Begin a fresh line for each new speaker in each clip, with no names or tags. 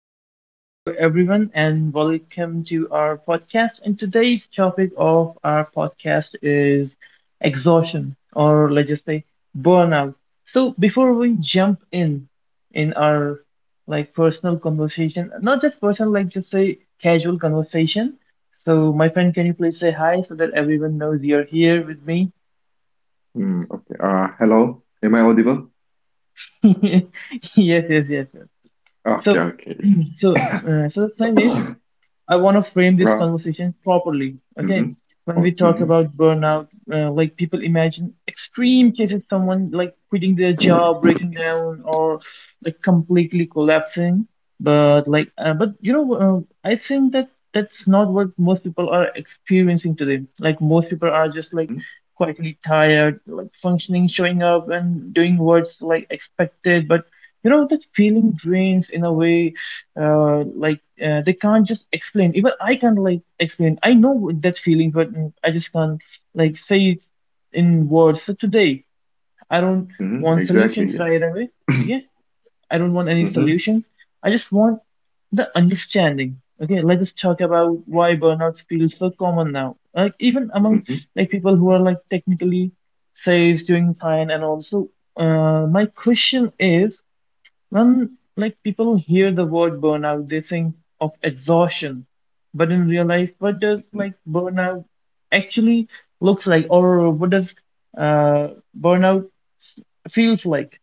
Hello everyone, and welcome to our podcast. And today's topic of our podcast is exhaustion, or let's just say burnout. So, before we jump in our like personal conversation, not just personal, like just say casual conversation. So, my friend, can you please say hi so that everyone knows you're here with me?
Okay. Hello. Am I audible?
Yes, yes, yes, yes.
Okay,
So,
okay, yes.
so, so the thing is. I want to frame this
Ra.
conversation properly. Okay,
Mm-hmm.
when we
Oh,
talk
mm-hmm.
about burnout, like people imagine extreme cases, someone like quitting their job, breaking down, or like completely collapsing. But you know, I think that's not what most people are experiencing today. Like most people are just like
Mm-hmm.
quietly tired, like functioning, showing up, and doing what's like expected, but you know that feeling drains in a way like they can't just explain, even I can't like explain, I know that feeling but I just can't like say it in words. So today I don't
Mm-hmm.
want
Exactly,
solutions
yes.
right away, okay, I don't want any
Mm-hmm.
solutions, I just want the understanding. Okay, let us just talk about why burnout feels so common now, like even among
Mm-hmm.
like people who are like technically says doing fine. And also, my question is, when like people hear the word burnout, they think of exhaustion. But in real life, what does
Mm-hmm.
like burnout actually looks like, or what does uh, burnout s- feels like?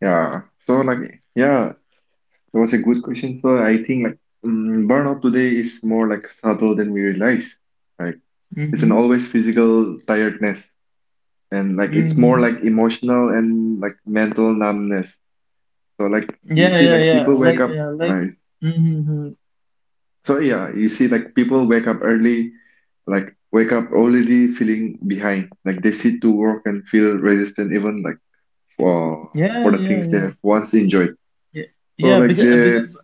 Yeah. So like, yeah, that was a good question. So I think like burnout today is more like subtle than we realize. Like it's an
Mm-hmm.
always physical tiredness, and like it's more
Mm-hmm.
like emotional and like mental numbness. So like you
Yeah,
see
yeah,
like
yeah.
people wake
Like,
up,
like.
right.
Mm-hmm.
So yeah, you see, like people wake up early, like wake up already feeling behind. Like they sit to work and feel resistant, even like for
Yeah,
for the
yeah,
things they
yeah.
have once enjoyed.
Yeah,
So
yeah.
like
Because
they,
because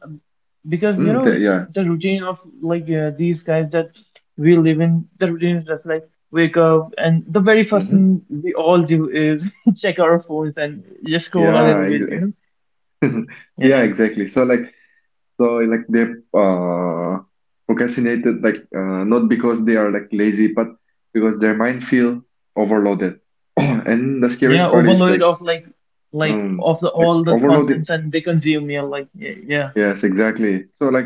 because you know
yeah,
the routine of like these guys that we live in, the routine is just like wake up and the very first
hmm,
thing we all do is check our phones and just scroll a
yeah,
little bit, you
exa-
know?
yeah,
Yeah,
exactly. So like so like they uh procrastinated like not because they are like lazy, but because their mind feel overloaded. And the scariest
yeah,
part is
overload of like
um
of the
like
all the
overloading.
contents and they consume, yeah, like, yeah, yeah.
Yes, exactly. So like.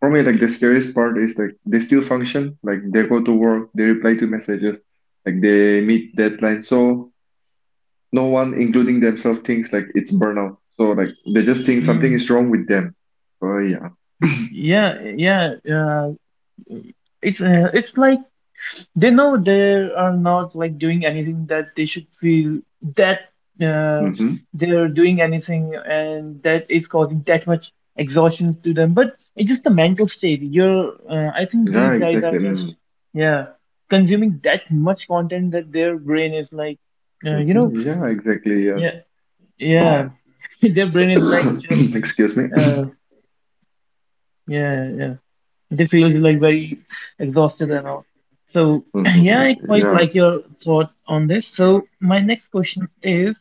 For me, like the scariest part is like they still function, like they go to work, they reply to messages, like they meet deadlines. So no one, including themselves, thinks like it's burnout. So like they just think something
Mm,
is wrong with them. So yeah.
yeah, yeah, it's it's like they know they are not like doing anything that they should feel that, uh,
Mm-hmm.
they're doing anything and that is causing that much exhaustion to them, but it's just the mental state. You're I think
Yeah,
these guys are just,
exactly.
yeah, consuming that much content that their brain is like, you know,
Mm-hmm. Yeah, exactly. Yes.
yeah, yeah, their brain is like just,
Excuse me.
uh, yeah, yeah, they feel like very exhausted and all. So yeah,
Hmm.
I quite
Yeah.
like your thought on this. So my next question is,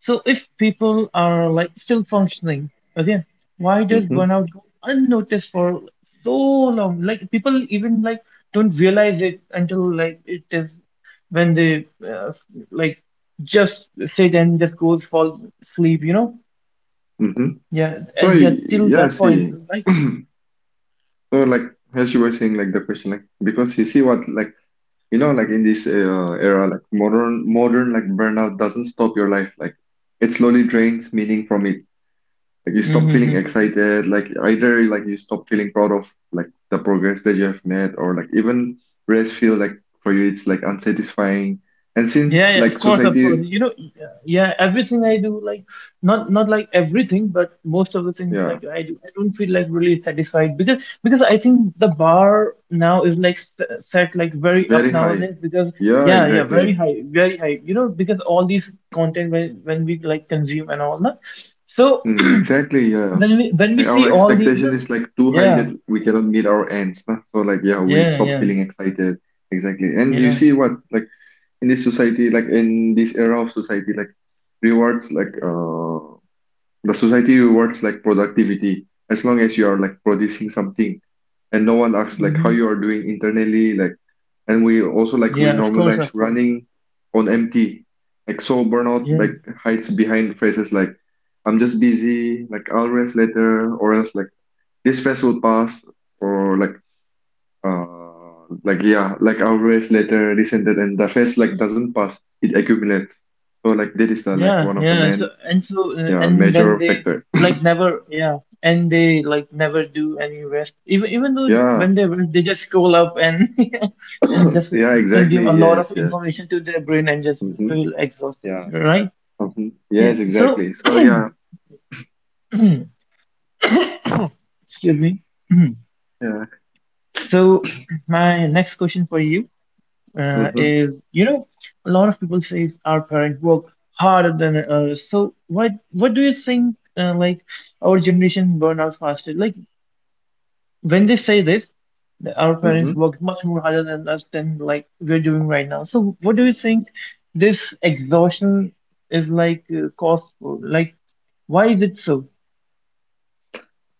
so if people are like still functioning, okay, why does
Mm-hmm.
burnout go unnoticed for so long? Like people even like don't realize it until like it is when they like just sit and just goes fall asleep, you know?
Mm-hmm.
Yeah,
So
and yeah,
y-
till
yeah,
that point,
see.
right?
So like as you were saying, like the question, like because you see what like, you know, like in this era, like modern like burnout doesn't stop your life. Like it slowly drains meaning from it. Like you stop feeling
Mm-hmm.
excited. Like either like you stop feeling proud of like the progress that you have made, or like even rest feel like for you it's like unsatisfying. And
Yeah,
since
yeah,
like
of course, of course.
society,
You know, yeah, yeah, everything I do, like not like everything, but most of the things
yeah,
like I do, I don't feel like really satisfied, because I think the bar now is like set like very up
very high.
nowadays because
Yeah,
yeah, yeah, very
exactly.
high, very high. You know, because all these content when we like consume and all that. So
Mm, exactly. Yeah.
when we
Like
see
our
all these,
expectation
no,
is like too high
yeah,
that we cannot meet our ends, nah? So like yeah, we
yeah,
stop
yeah,
feeling excited. Exactly.
you
And you
know,
see what like in this society, like in this era of society, like rewards like the society rewards like productivity as long as you are like producing something, and no one asks like how
hmm,
you are doing internally, like, and we also like we
yeah, of course,
normalize
of course,
running on empty. Like so burnout
yeah.
like hides behind phrases like I'm just busy, like I'll rest later, or else like this stress will pass, or like yeah, like our race later descended, and the phase like doesn't pass; it accumulates. So like that is the like
Yeah,
one of the
yeah. So
main
and so
yeah
and then
major
they
factor.
like never, yeah, and they like never do any rest. Even even though
Yeah,
when they rest, they just scroll up and and just
yeah,
consume
exactly.
a lot of
Yes, yes.
information to their brain and just
Mm-hmm.
feel exhausted,
Yeah.
right?
Mm-hmm.
Yeah.
Yes,
So
exactly. So yeah,
excuse me.
yeah.
So my next question for you
Mm-hmm.
is, you know, a lot of people say our parents work harder than us. So what do you think? Like our generation burn out faster. Like, when they say this, that our parents
Mm-hmm.
worked much more harder than us than like we're doing right now. So what do you think this exhaustion is like cause for? Like why is it so?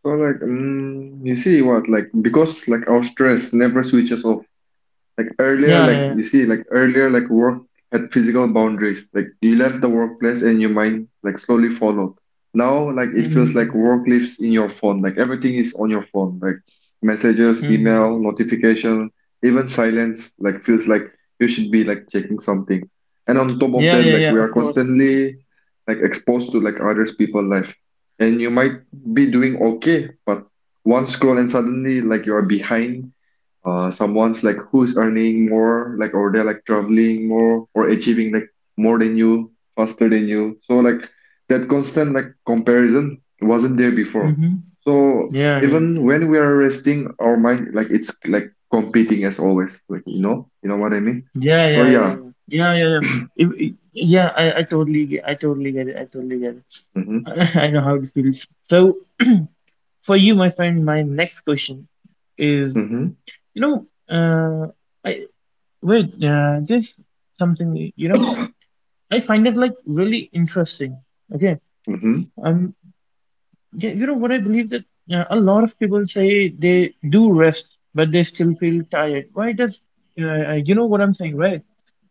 So like, you see what like because like our stress never switches off. Like earlier,
Yeah,
like
yeah,
you see, like earlier, like work had physical boundaries. Like you left the workplace and your mind like slowly followed. Now, like
yeah.
it feels like
Mm-hmm.
work lives in your phone. Like everything is on your phone. Like messages,
Mm-hmm.
email, notification, even silence. Like feels like you should be like checking something. And on top of
Yeah,
that,
yeah,
like
yeah.
we are
Of course, of course.
constantly like exposed to like others people life. And you might be doing okay, but one scroll and suddenly like you are behind someone's like who's earning more like, or they're like traveling more or achieving like more than you, faster than you. So like that constant like comparison wasn't there before.
Mm-hmm.
So
Yeah, yeah.
even when we are resting our mind, like it's like competing as always, like you know, you know what I mean.
Yeah,
So
yeah, yeah,
yeah,
yeah, yeah, yeah, yeah. If, I- yeah, I totally, I totally get it. I totally get
mm-hmm,
it. I know how it feels. So for you, my friend, my next question is,
mm-hmm.
you know, I wait, just something, you know, I find it like really interesting. Okay.
Mm-hmm,
Um, you know what I believe that a lot of people say they do rest, but they still feel tired. Why does, you know what I'm saying, right?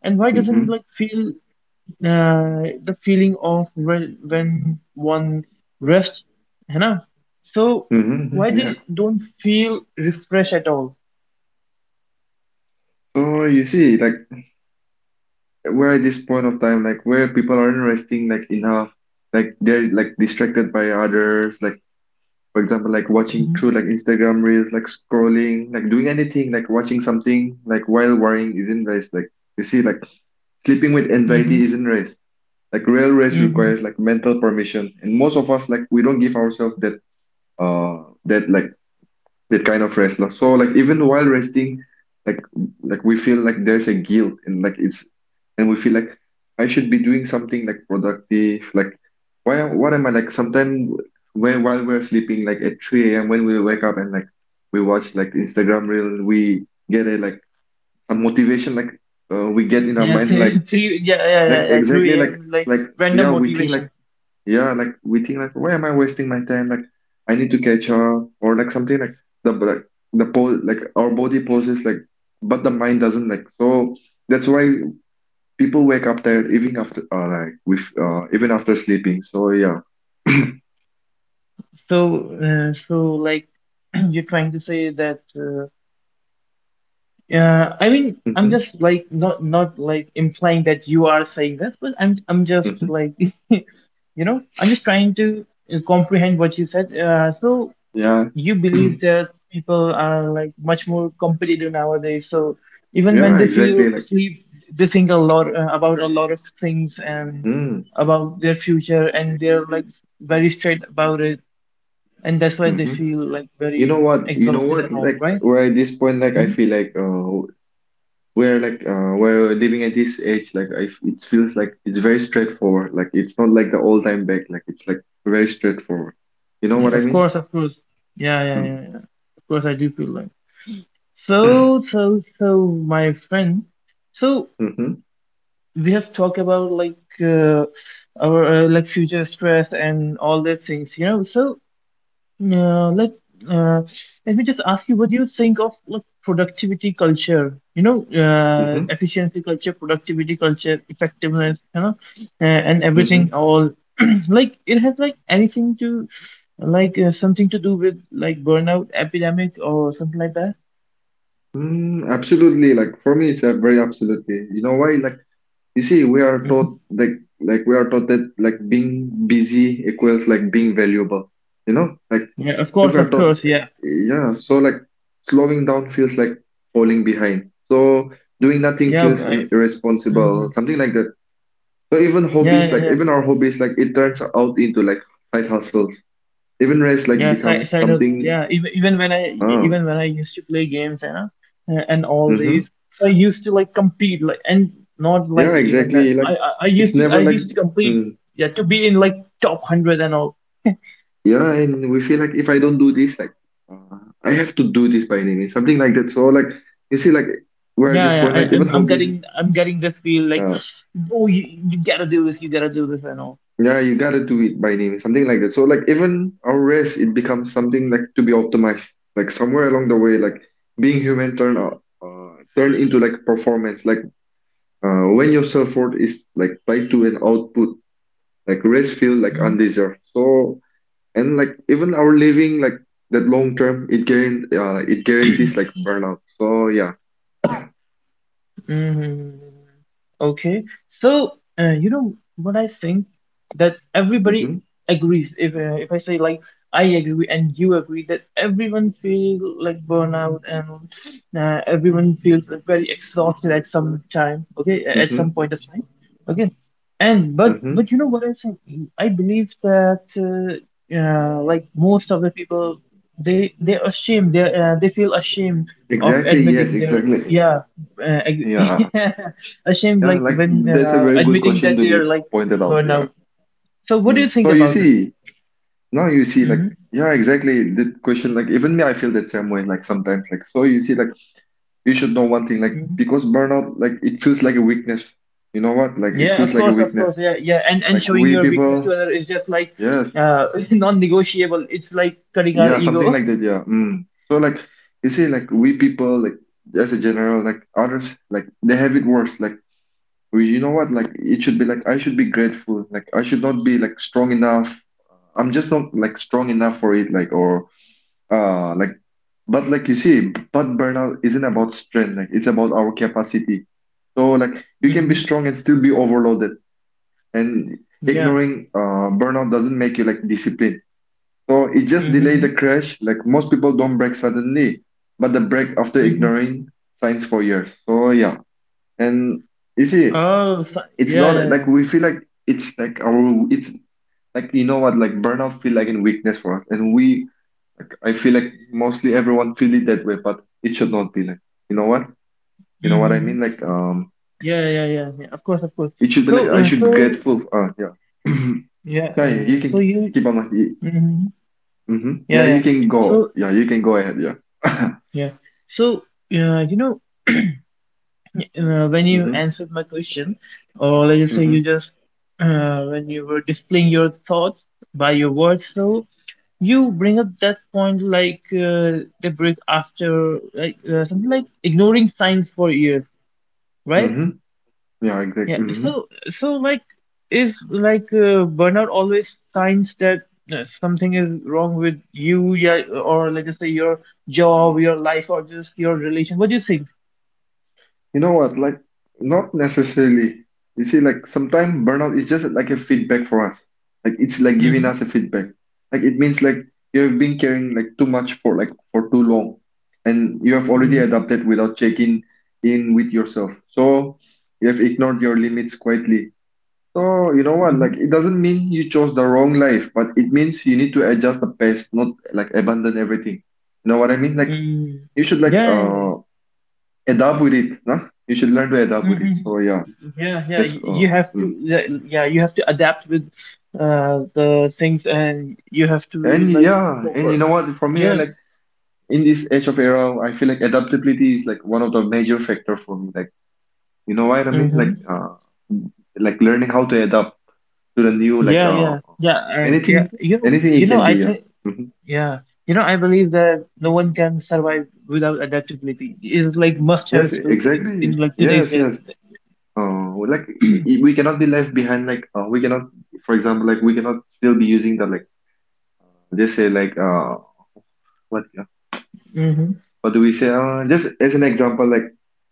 And why doesn't
mm-hmm,
like feel the feeling of re when one rests, you know? So
mm-hmm,
why
mm-hmm. Yeah.
they don't feel refreshed at all?
So you see, like we're at this point of time like where people aren't resting like enough, like they're like distracted by others, like for example like watching through
Mm-hmm.
like Instagram reels, like scrolling, like doing anything, like watching something like while worrying isn't rest. Like you see like sleeping with anxiety
Mm-hmm.
isn't rest. Like real rest requires
Mm-hmm.
like mental permission, and most of us like we don't give ourselves that that like that kind of wrestler. So like even while resting, like like we feel like there's a guilt, and like it's, and we feel like I should be doing something like productive. Like why, what am I, like sometimes when while we're sleeping like at 3 a.m. when we wake up and like we watch like Instagram reel, we get a like a motivation like, we get in our
Yeah,
mind
three, three, yeah, yeah,
like
yeah, yeah,
exactly
3 a.m. like
like
random
yeah we think like
motivation.
yeah, like we think like, why am I wasting my time? Like I need to catch her or like something like, the pose like our body poses like, but the mind doesn't like. So that's why people wake up tired even after like with even after sleeping. So yeah,
So, so like you're trying to say that. I mean, I'm just like not like implying that you are saying this, but I'm
hmm
just
hmm
like, you know, I'm just trying to comprehend what you said. So
yeah,
you believe that people are like much more competitive nowadays. So even when
yeah,
they feel
exactly. Like
sleep, they think a lot about a lot of things and
mm,
about their future, and they're like very straight about it, and that's why they
hmm.
feel like
You
very
know what? You know
exhausted
what?
and all,
Like
right?
where at this point, like I
Mhm.
feel like we're like we're living at this age like I, it feels like it's very straightforward, like it's not like the old time back, like it's like very straightforward, you know
Yeah,
what I
of
mean.
course, of course. Yeah, yeah, yeah,
Mm.
yeah. Of course, I do feel like. So, so, so, my friend. So,
Mm-hmm,
we have talked about like our like future stress and all these things, you know. So uh, let uh, let me just ask you, what do you think of like productivity culture? You know,
mm-hmm,
efficiency culture, productivity culture, effectiveness, you know, and everything
mm-hmm.
all like it has like anything to like something to do with like burnout epidemic or something like that.
Mm, absolutely, like for me it's a very absolutely, you know why like you see we are
Hmm.
taught like we are taught that like being busy equals like being valuable, you know like.
Yeah,
If
of
you're taught,
course, yeah,
yeah, so like slowing down feels like falling behind. So doing nothing
yeah,
feels irresponsible,
mhm.
something like that. So even
Yeah,
hobbies,
yeah,
like
yeah.
even our hobbies, like it turns out into like side hustles. Even rest like
Yeah,
becomes
side
something.
hustle. Yeah, even even when I
Um,
even when I used to play games, you know, and all
mm-hmm.
these, so I used to like compete, like and not like
Yeah,
even that.
exactly. Like
I used
it's
to
never like,
compete,
mm,
yeah, to be in like top hundred and all.
yeah, and we feel like if I don't do this, like, uh, I have to do this by any means, something like that. So like you see, like we're at
Yeah,
this
yeah,
point, like
I,
even
I'm I'm
hobbies.
getting I'm getting this feel like,
uh,
oh, you gotta do this, you gotta do this and all.
Yeah, you gotta do it by name, something like that. So like even our race, it becomes something like to be optimized. Like somewhere along the way, like being human turn out, turn into like performance. Like when your self-worth is like tied to an output, like race feel like
Mm-hmm.
undeserved. So and like even our living like that long term, it guaran it guarantees like burnout. So yeah.
Mm-hmm. Okay. So, you know what I think that everybody
Mm-hmm.
agrees. If I say like I agree and you agree that everyone feel like burnout and everyone feels like very exhausted at some time. Okay, at some
Mm-hmm.
point of time. Okay. And
Mm-hmm.
but you know what I think? I believe that like most of the people, they're ashamed. They feel ashamed of
Exactly. Yes.
admitting their
Exactly.
yeah, uh, ag-
Yeah.
yeah, ashamed
Yeah.
like
Like
when
that's a very good
admitting
question
that
to
they're
be
like
pointed out. Yeah.
burnout. So what do you
Mm.
think
So you
about that?
see, now you see, like,
Mm-hmm.
yeah, exactly. The question, like, even me, I feel that same way, like, sometimes, like, so you see, like, you should know one thing, like,
Hmm,
because burnout, like, it feels like a weakness. You know what? Like, it
yeah,
feels
of
like a
course, of
weakness.
course. Yeah, yeah. And
Like,
showing
we
your weakness to
people,
another is just like
yes,
non-negotiable. It's like cutting our
yeah, something like
ego.
that, yeah. Mm. So, like, you see, like, we people, like, as a general, like, others, like, they have it worse. Like, we, you know what? Like, it should be like, I should be grateful. Like, I should not be, like, strong enough. I'm just not, like, strong enough for it, like, or. Like, but like you see, but burnout isn't about strength. Like it's about our capacity. So like you can be
Mm-hmm.
strong and still be overloaded. And
Yeah.
ignoring burnout doesn't make you like disciplined. So it just delay
Mm-hmm.
the crash. Like most people don't break suddenly, but the break after
Mm-hmm.
ignoring signs for years. So yeah, and you see,
Oh, so,
it's
yeah,
not
yeah,
like
yeah.
we feel like it's like our it's like, you know what like burnout feel like in weakness for us, and we like, I feel like mostly everyone feel it that way, but it should not be like, you know what? You know what I
Mm-hmm.
mean? Like,
Yeah, yeah, yeah, yeah. Yeah, of course, of course.
it should be like
So,
I should be grateful. Yeah.
yeah,
Yeah, yeah,
uh,
you
so
can
you,
keep on like,
mm-hmm.
mm-hmm.
Yeah,
Yeah,
yeah.
you can go.
So,
Yeah, you can go ahead. Yeah.
yeah. So, you know, when you
Mm-hmm.
answered my question, or let's just say
Mm-hmm.
you just, when you were displaying your thoughts by your words, so you bring up that point like the break after, like something like ignoring signs for years, right?
Mm-hmm. Yeah,
Yeah,
exactly. Mm-hmm.
so so like is like burnout always signs that something is wrong with you, yeah, or let us just say your job, your life, or just your relation. What do you think?
You know what? Like, not necessarily. You see, like sometimes burnout is just like a feedback for us. Like it's like giving
Mm-hmm.
us a feedback. Like it means like you have been carrying like too much for like for too long, and you have already
Mm-hmm.
adapted without checking in with yourself. So you have ignored your limits quietly. So you know what? Like
Mm-hmm.
it doesn't mean you chose the wrong life, but it means you need to adjust the pace, not like abandon everything. You know what I mean? Like
Mm.
you should like
Yeah.
adapt with it, huh? You should learn to adapt with it.
Mm-hmm.
So yeah,
Yeah, yeah.
that's
You have to,
mm.
yeah, yeah, you have to adapt with the things, and you have to be
And
like
yeah, and you
proper.
know what? For me,
Yeah.
like in this age of era, I feel like adaptability is like one of the major factor for me. Like you know what I mean?
Mm-hmm.
Like learning how to adapt to the new like
Yeah, yeah, yeah, yeah.
anything
You
it
know,
can
I
be. Yeah.
think.
Hmm.
Yeah, you know, I believe that no one can survive without adaptability. It's like must-have
Yes,
skills in,
exactly.
in like today's
Yes,
days.
yes. Like we cannot be left behind. Like we cannot, for example, like we cannot still be using the like they say like what
Mm-hmm.
what do we say? Just as an example, like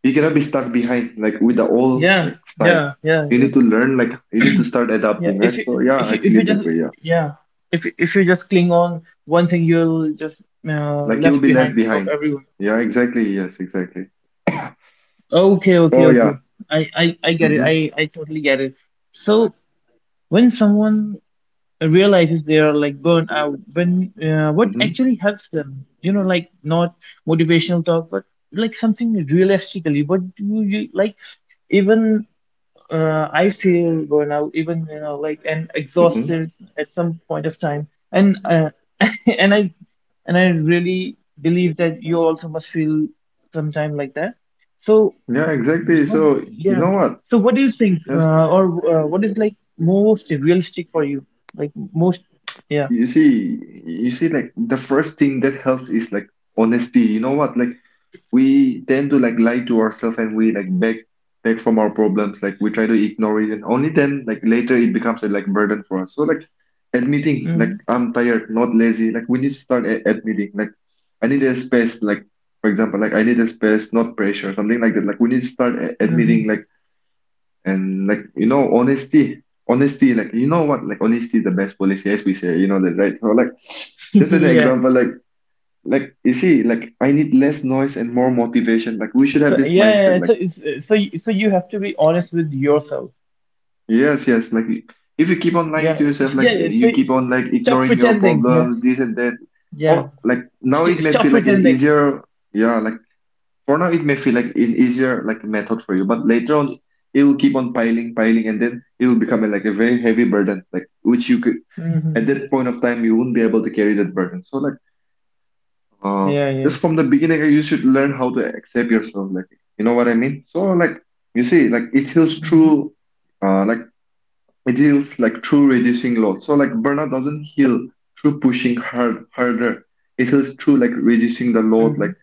you cannot be stuck behind like with the old
Yeah,
like style.
yeah, yeah,
You
yeah,
need to learn, like you need to start
yeah.
adapting,
If
right?
you
So yeah,
if
I
you
feel
if you
it
just
that way. Yeah,
yeah, if you just cling on one thing, you'll just
like you'll
left
be left
behind of
behind.
everyone.
Yeah, exactly. Yes, exactly.
Okay, okay,
So
okay.
yeah.
I get it.
Mm-hmm.
I totally get it. So when someone realizes they are like burnt out when what
Mm-hmm.
actually helps them, you know, like not motivational talk but like something realistically, what do you like even I feel burnout even you know like and
Mm-hmm.
exhausted at some point of time and and I and I really believe that you also must feel sometime like that, so
Yeah, exactly.
what,
So you
yeah.
know what?
So what do you think,
Yes,
or what is like most realistic for you? Like most, yeah.
you see, you see, like the first thing that helps is like honesty. You know what? Like we tend to like lie to ourselves and we like beg from our problems like we try to ignore it and only then like later it becomes a like burden for us, so like admitting like
Hmm.
I'm tired, not lazy, like we need to start admitting like I need a space, like for example like I need a space, not pressure, something like that, like we need to start admitting like.
Hmm.
And like, you know, honesty, like you know what, like honesty is the best policy, as we say, you know that, right? So like just an
Yeah.
example, like you see, like I need less noise and more motivation. Like we should have
So
this
yeah, yeah.
mindset.
Yeah.
Like,
So it's, so so you have to be honest with yourself.
yes, yes. Like if you keep on lying
Yeah.
to yourself,
It's-
like
Yeah, yeah. So
you keep on like
stop
ignoring your
pretending. Yeah.
problems, this and that.
Yeah.
Oh, like now it
St
may
stop
feel like an
pretending.
easier, yeah. Like for now it may feel like an easier like method for you, but later on it will keep on piling, piling, and then it will become like a very heavy burden. Like which you could at
Hmm.
that point of time you won't be able to carry that burden. So like. Uh,
Yeah. Yeah.
just from the beginning, you should learn how to accept yourself. Like, you know what I mean? So, like, you see, like it heals
Hmm.
through, like, it heals like through reducing load. So, like, burnout doesn't heal through pushing harder. It heals through like reducing the load,
Hmm.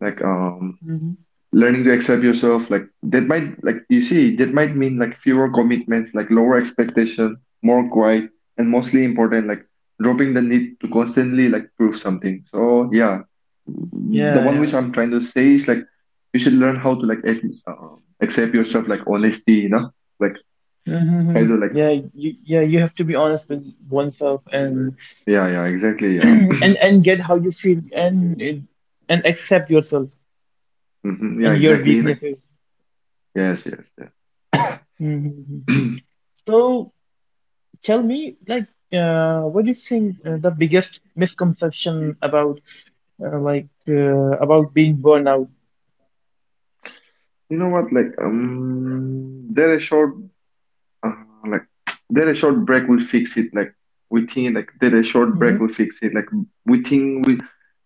like,
Hmm.
learning to accept yourself, like that might like you see that might mean like fewer commitments, like lower expectation, more quiet, and mostly important, like dropping the need to constantly like prove something. So yeah, the
Yeah.
one
Yeah.
which I'm trying to say is like you should learn how to like uh, accept yourself, like honesty, you know, like try
Hmm.
to like
Yeah. You yeah. You have to be honest with oneself and
yeah, yeah, exactly, yeah.
and get how you feel and and accept yourself
Hmm. Yeah,
and your
exactly, like
weaknesses.
yes, yes, yeah.
Mhm. So tell me, like, what do you think the biggest misconception about about being burned out?
You know what, like there is short Uh, like there a short break will fix it. Like we think like there a short break
Hmm.
will fix it. Like we think we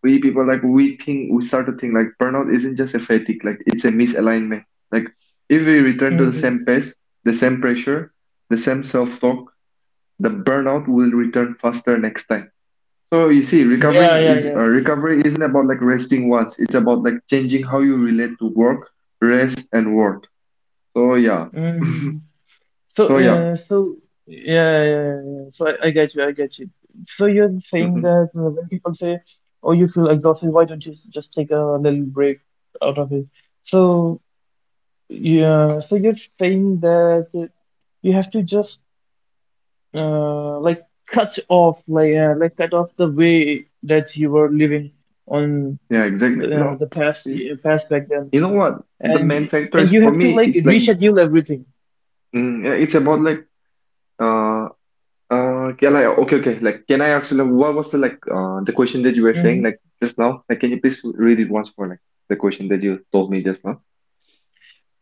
we people like we think we start to think like burnout isn't just a fatigue. Like it's a misalignment. Like if we return to the same
Hmm.
pace, the same pressure, the same self-talk, the burnout will return faster next time. So you see, recovering
Yeah, yeah,
is
yeah.
recovery isn't about like resting once. It's about like changing how you relate to work, rest, and work. So yeah.
Hmm. So,
So yeah.
so yeah, yeah, yeah. Yeah. So I get you, I get you. So you're saying
Mm-hmm.
that when people say, "Oh, you feel exhausted, why don't you just take a little break out of it?" So. Yeah, so you're saying that you have to just uh, like cut off like cut off the way that you were living on
Yeah, exactly. No,
the past
it's-
past back then,
you know what? The
and
main factor
and
is
you
for
have to
me,
like
it's like,
reschedule everything.
mm, yeah, it's about like, uh, can I, okay, okay, like, can I actually, what was the like, the question that you were
Mm-hmm.
saying, like, just now? Like, can you please read it once more, like, the question that you told me just now?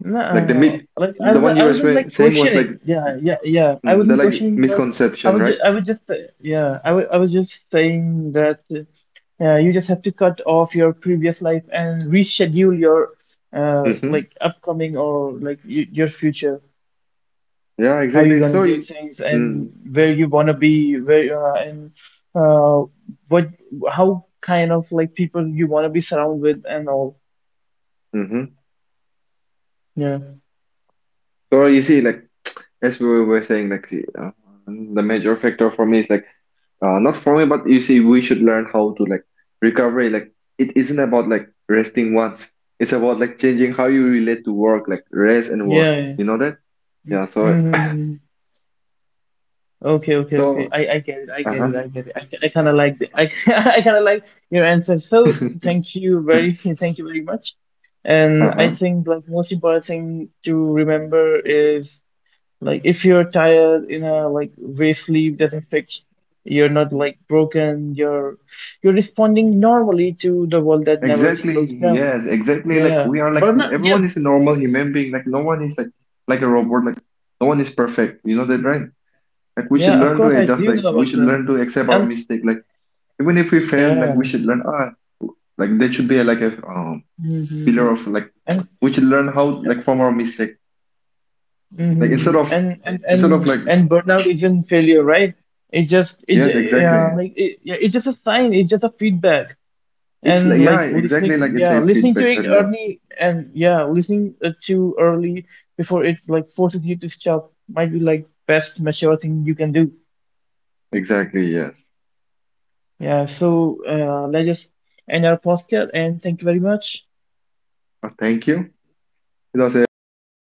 No, no,
Like,
no. Like I
the
was,
one you
I
were
wasn't like
saying was like,
questioning. Yeah, yeah, yeah. I
mm, the
wasn't
like
questioning, but I
misconception,
was,
right?
I was just, yeah, I was just saying that you just have to cut off your previous life and reschedule your
Mm-hmm.
like upcoming or like y your future.
Yeah,
How you
exactly.
gonna
So,
do
you-
things and
mm,
where you wanna be, where and uh what, how kind of like people you wanna be surrounded with and all.
mm-hmm.
Yeah,
So you see, like, as we were saying, like, the major factor for me is like, not for me, but you see, we should learn how to like recovery. Like it isn't about like resting once. It's about like changing how you relate to work, like rest and work.
yeah,
You know that?
yeah.
Yeah. So
Mm-hmm. Okay, okay, okay.
so
I get it. I get
uh
it. I get it. I kind of like I kind of like your answer. So
huh.
thank you very thank you very much. And I
Uh-huh.
think like most important thing to remember is like if you're tired in a like way sleep doesn't fix, you're not like broken. You're responding normally to the world that never slows
Exactly.
down.
Yes, exactly. Like
Yeah,
we are like
but not yeah
everyone is a normal human being. Like no one is like a robot. Like no one is perfect. You know that, right? Like we should
yeah. Of
learn to
course I
adjust.
do
Like
know
we
about
should
that.
learn to accept our
And
mistake. Like even if we fail, like we
yeah.
should learn. Ah, like there should be a, like a pillar
Hmm.
of like
And
we should learn how like from our mistake. Like
mhm. And and
instead of
and
like
and burnout isn't failure, right? It just
yes,
yeah
exactly.
like it, yeah it's just a sign. It's just a feedback.
It's like
And
yeah,
like
exactly,
listening,
like it's
yeah,
a
listening to
feedback
it
that yeah.
early and yeah, listening too early before it like forces you to stop might be like best mature thing you can do.
Exactly, yes.
Yeah. So let's just end our podcast and thank you very much.
Thank you. It was a wonderful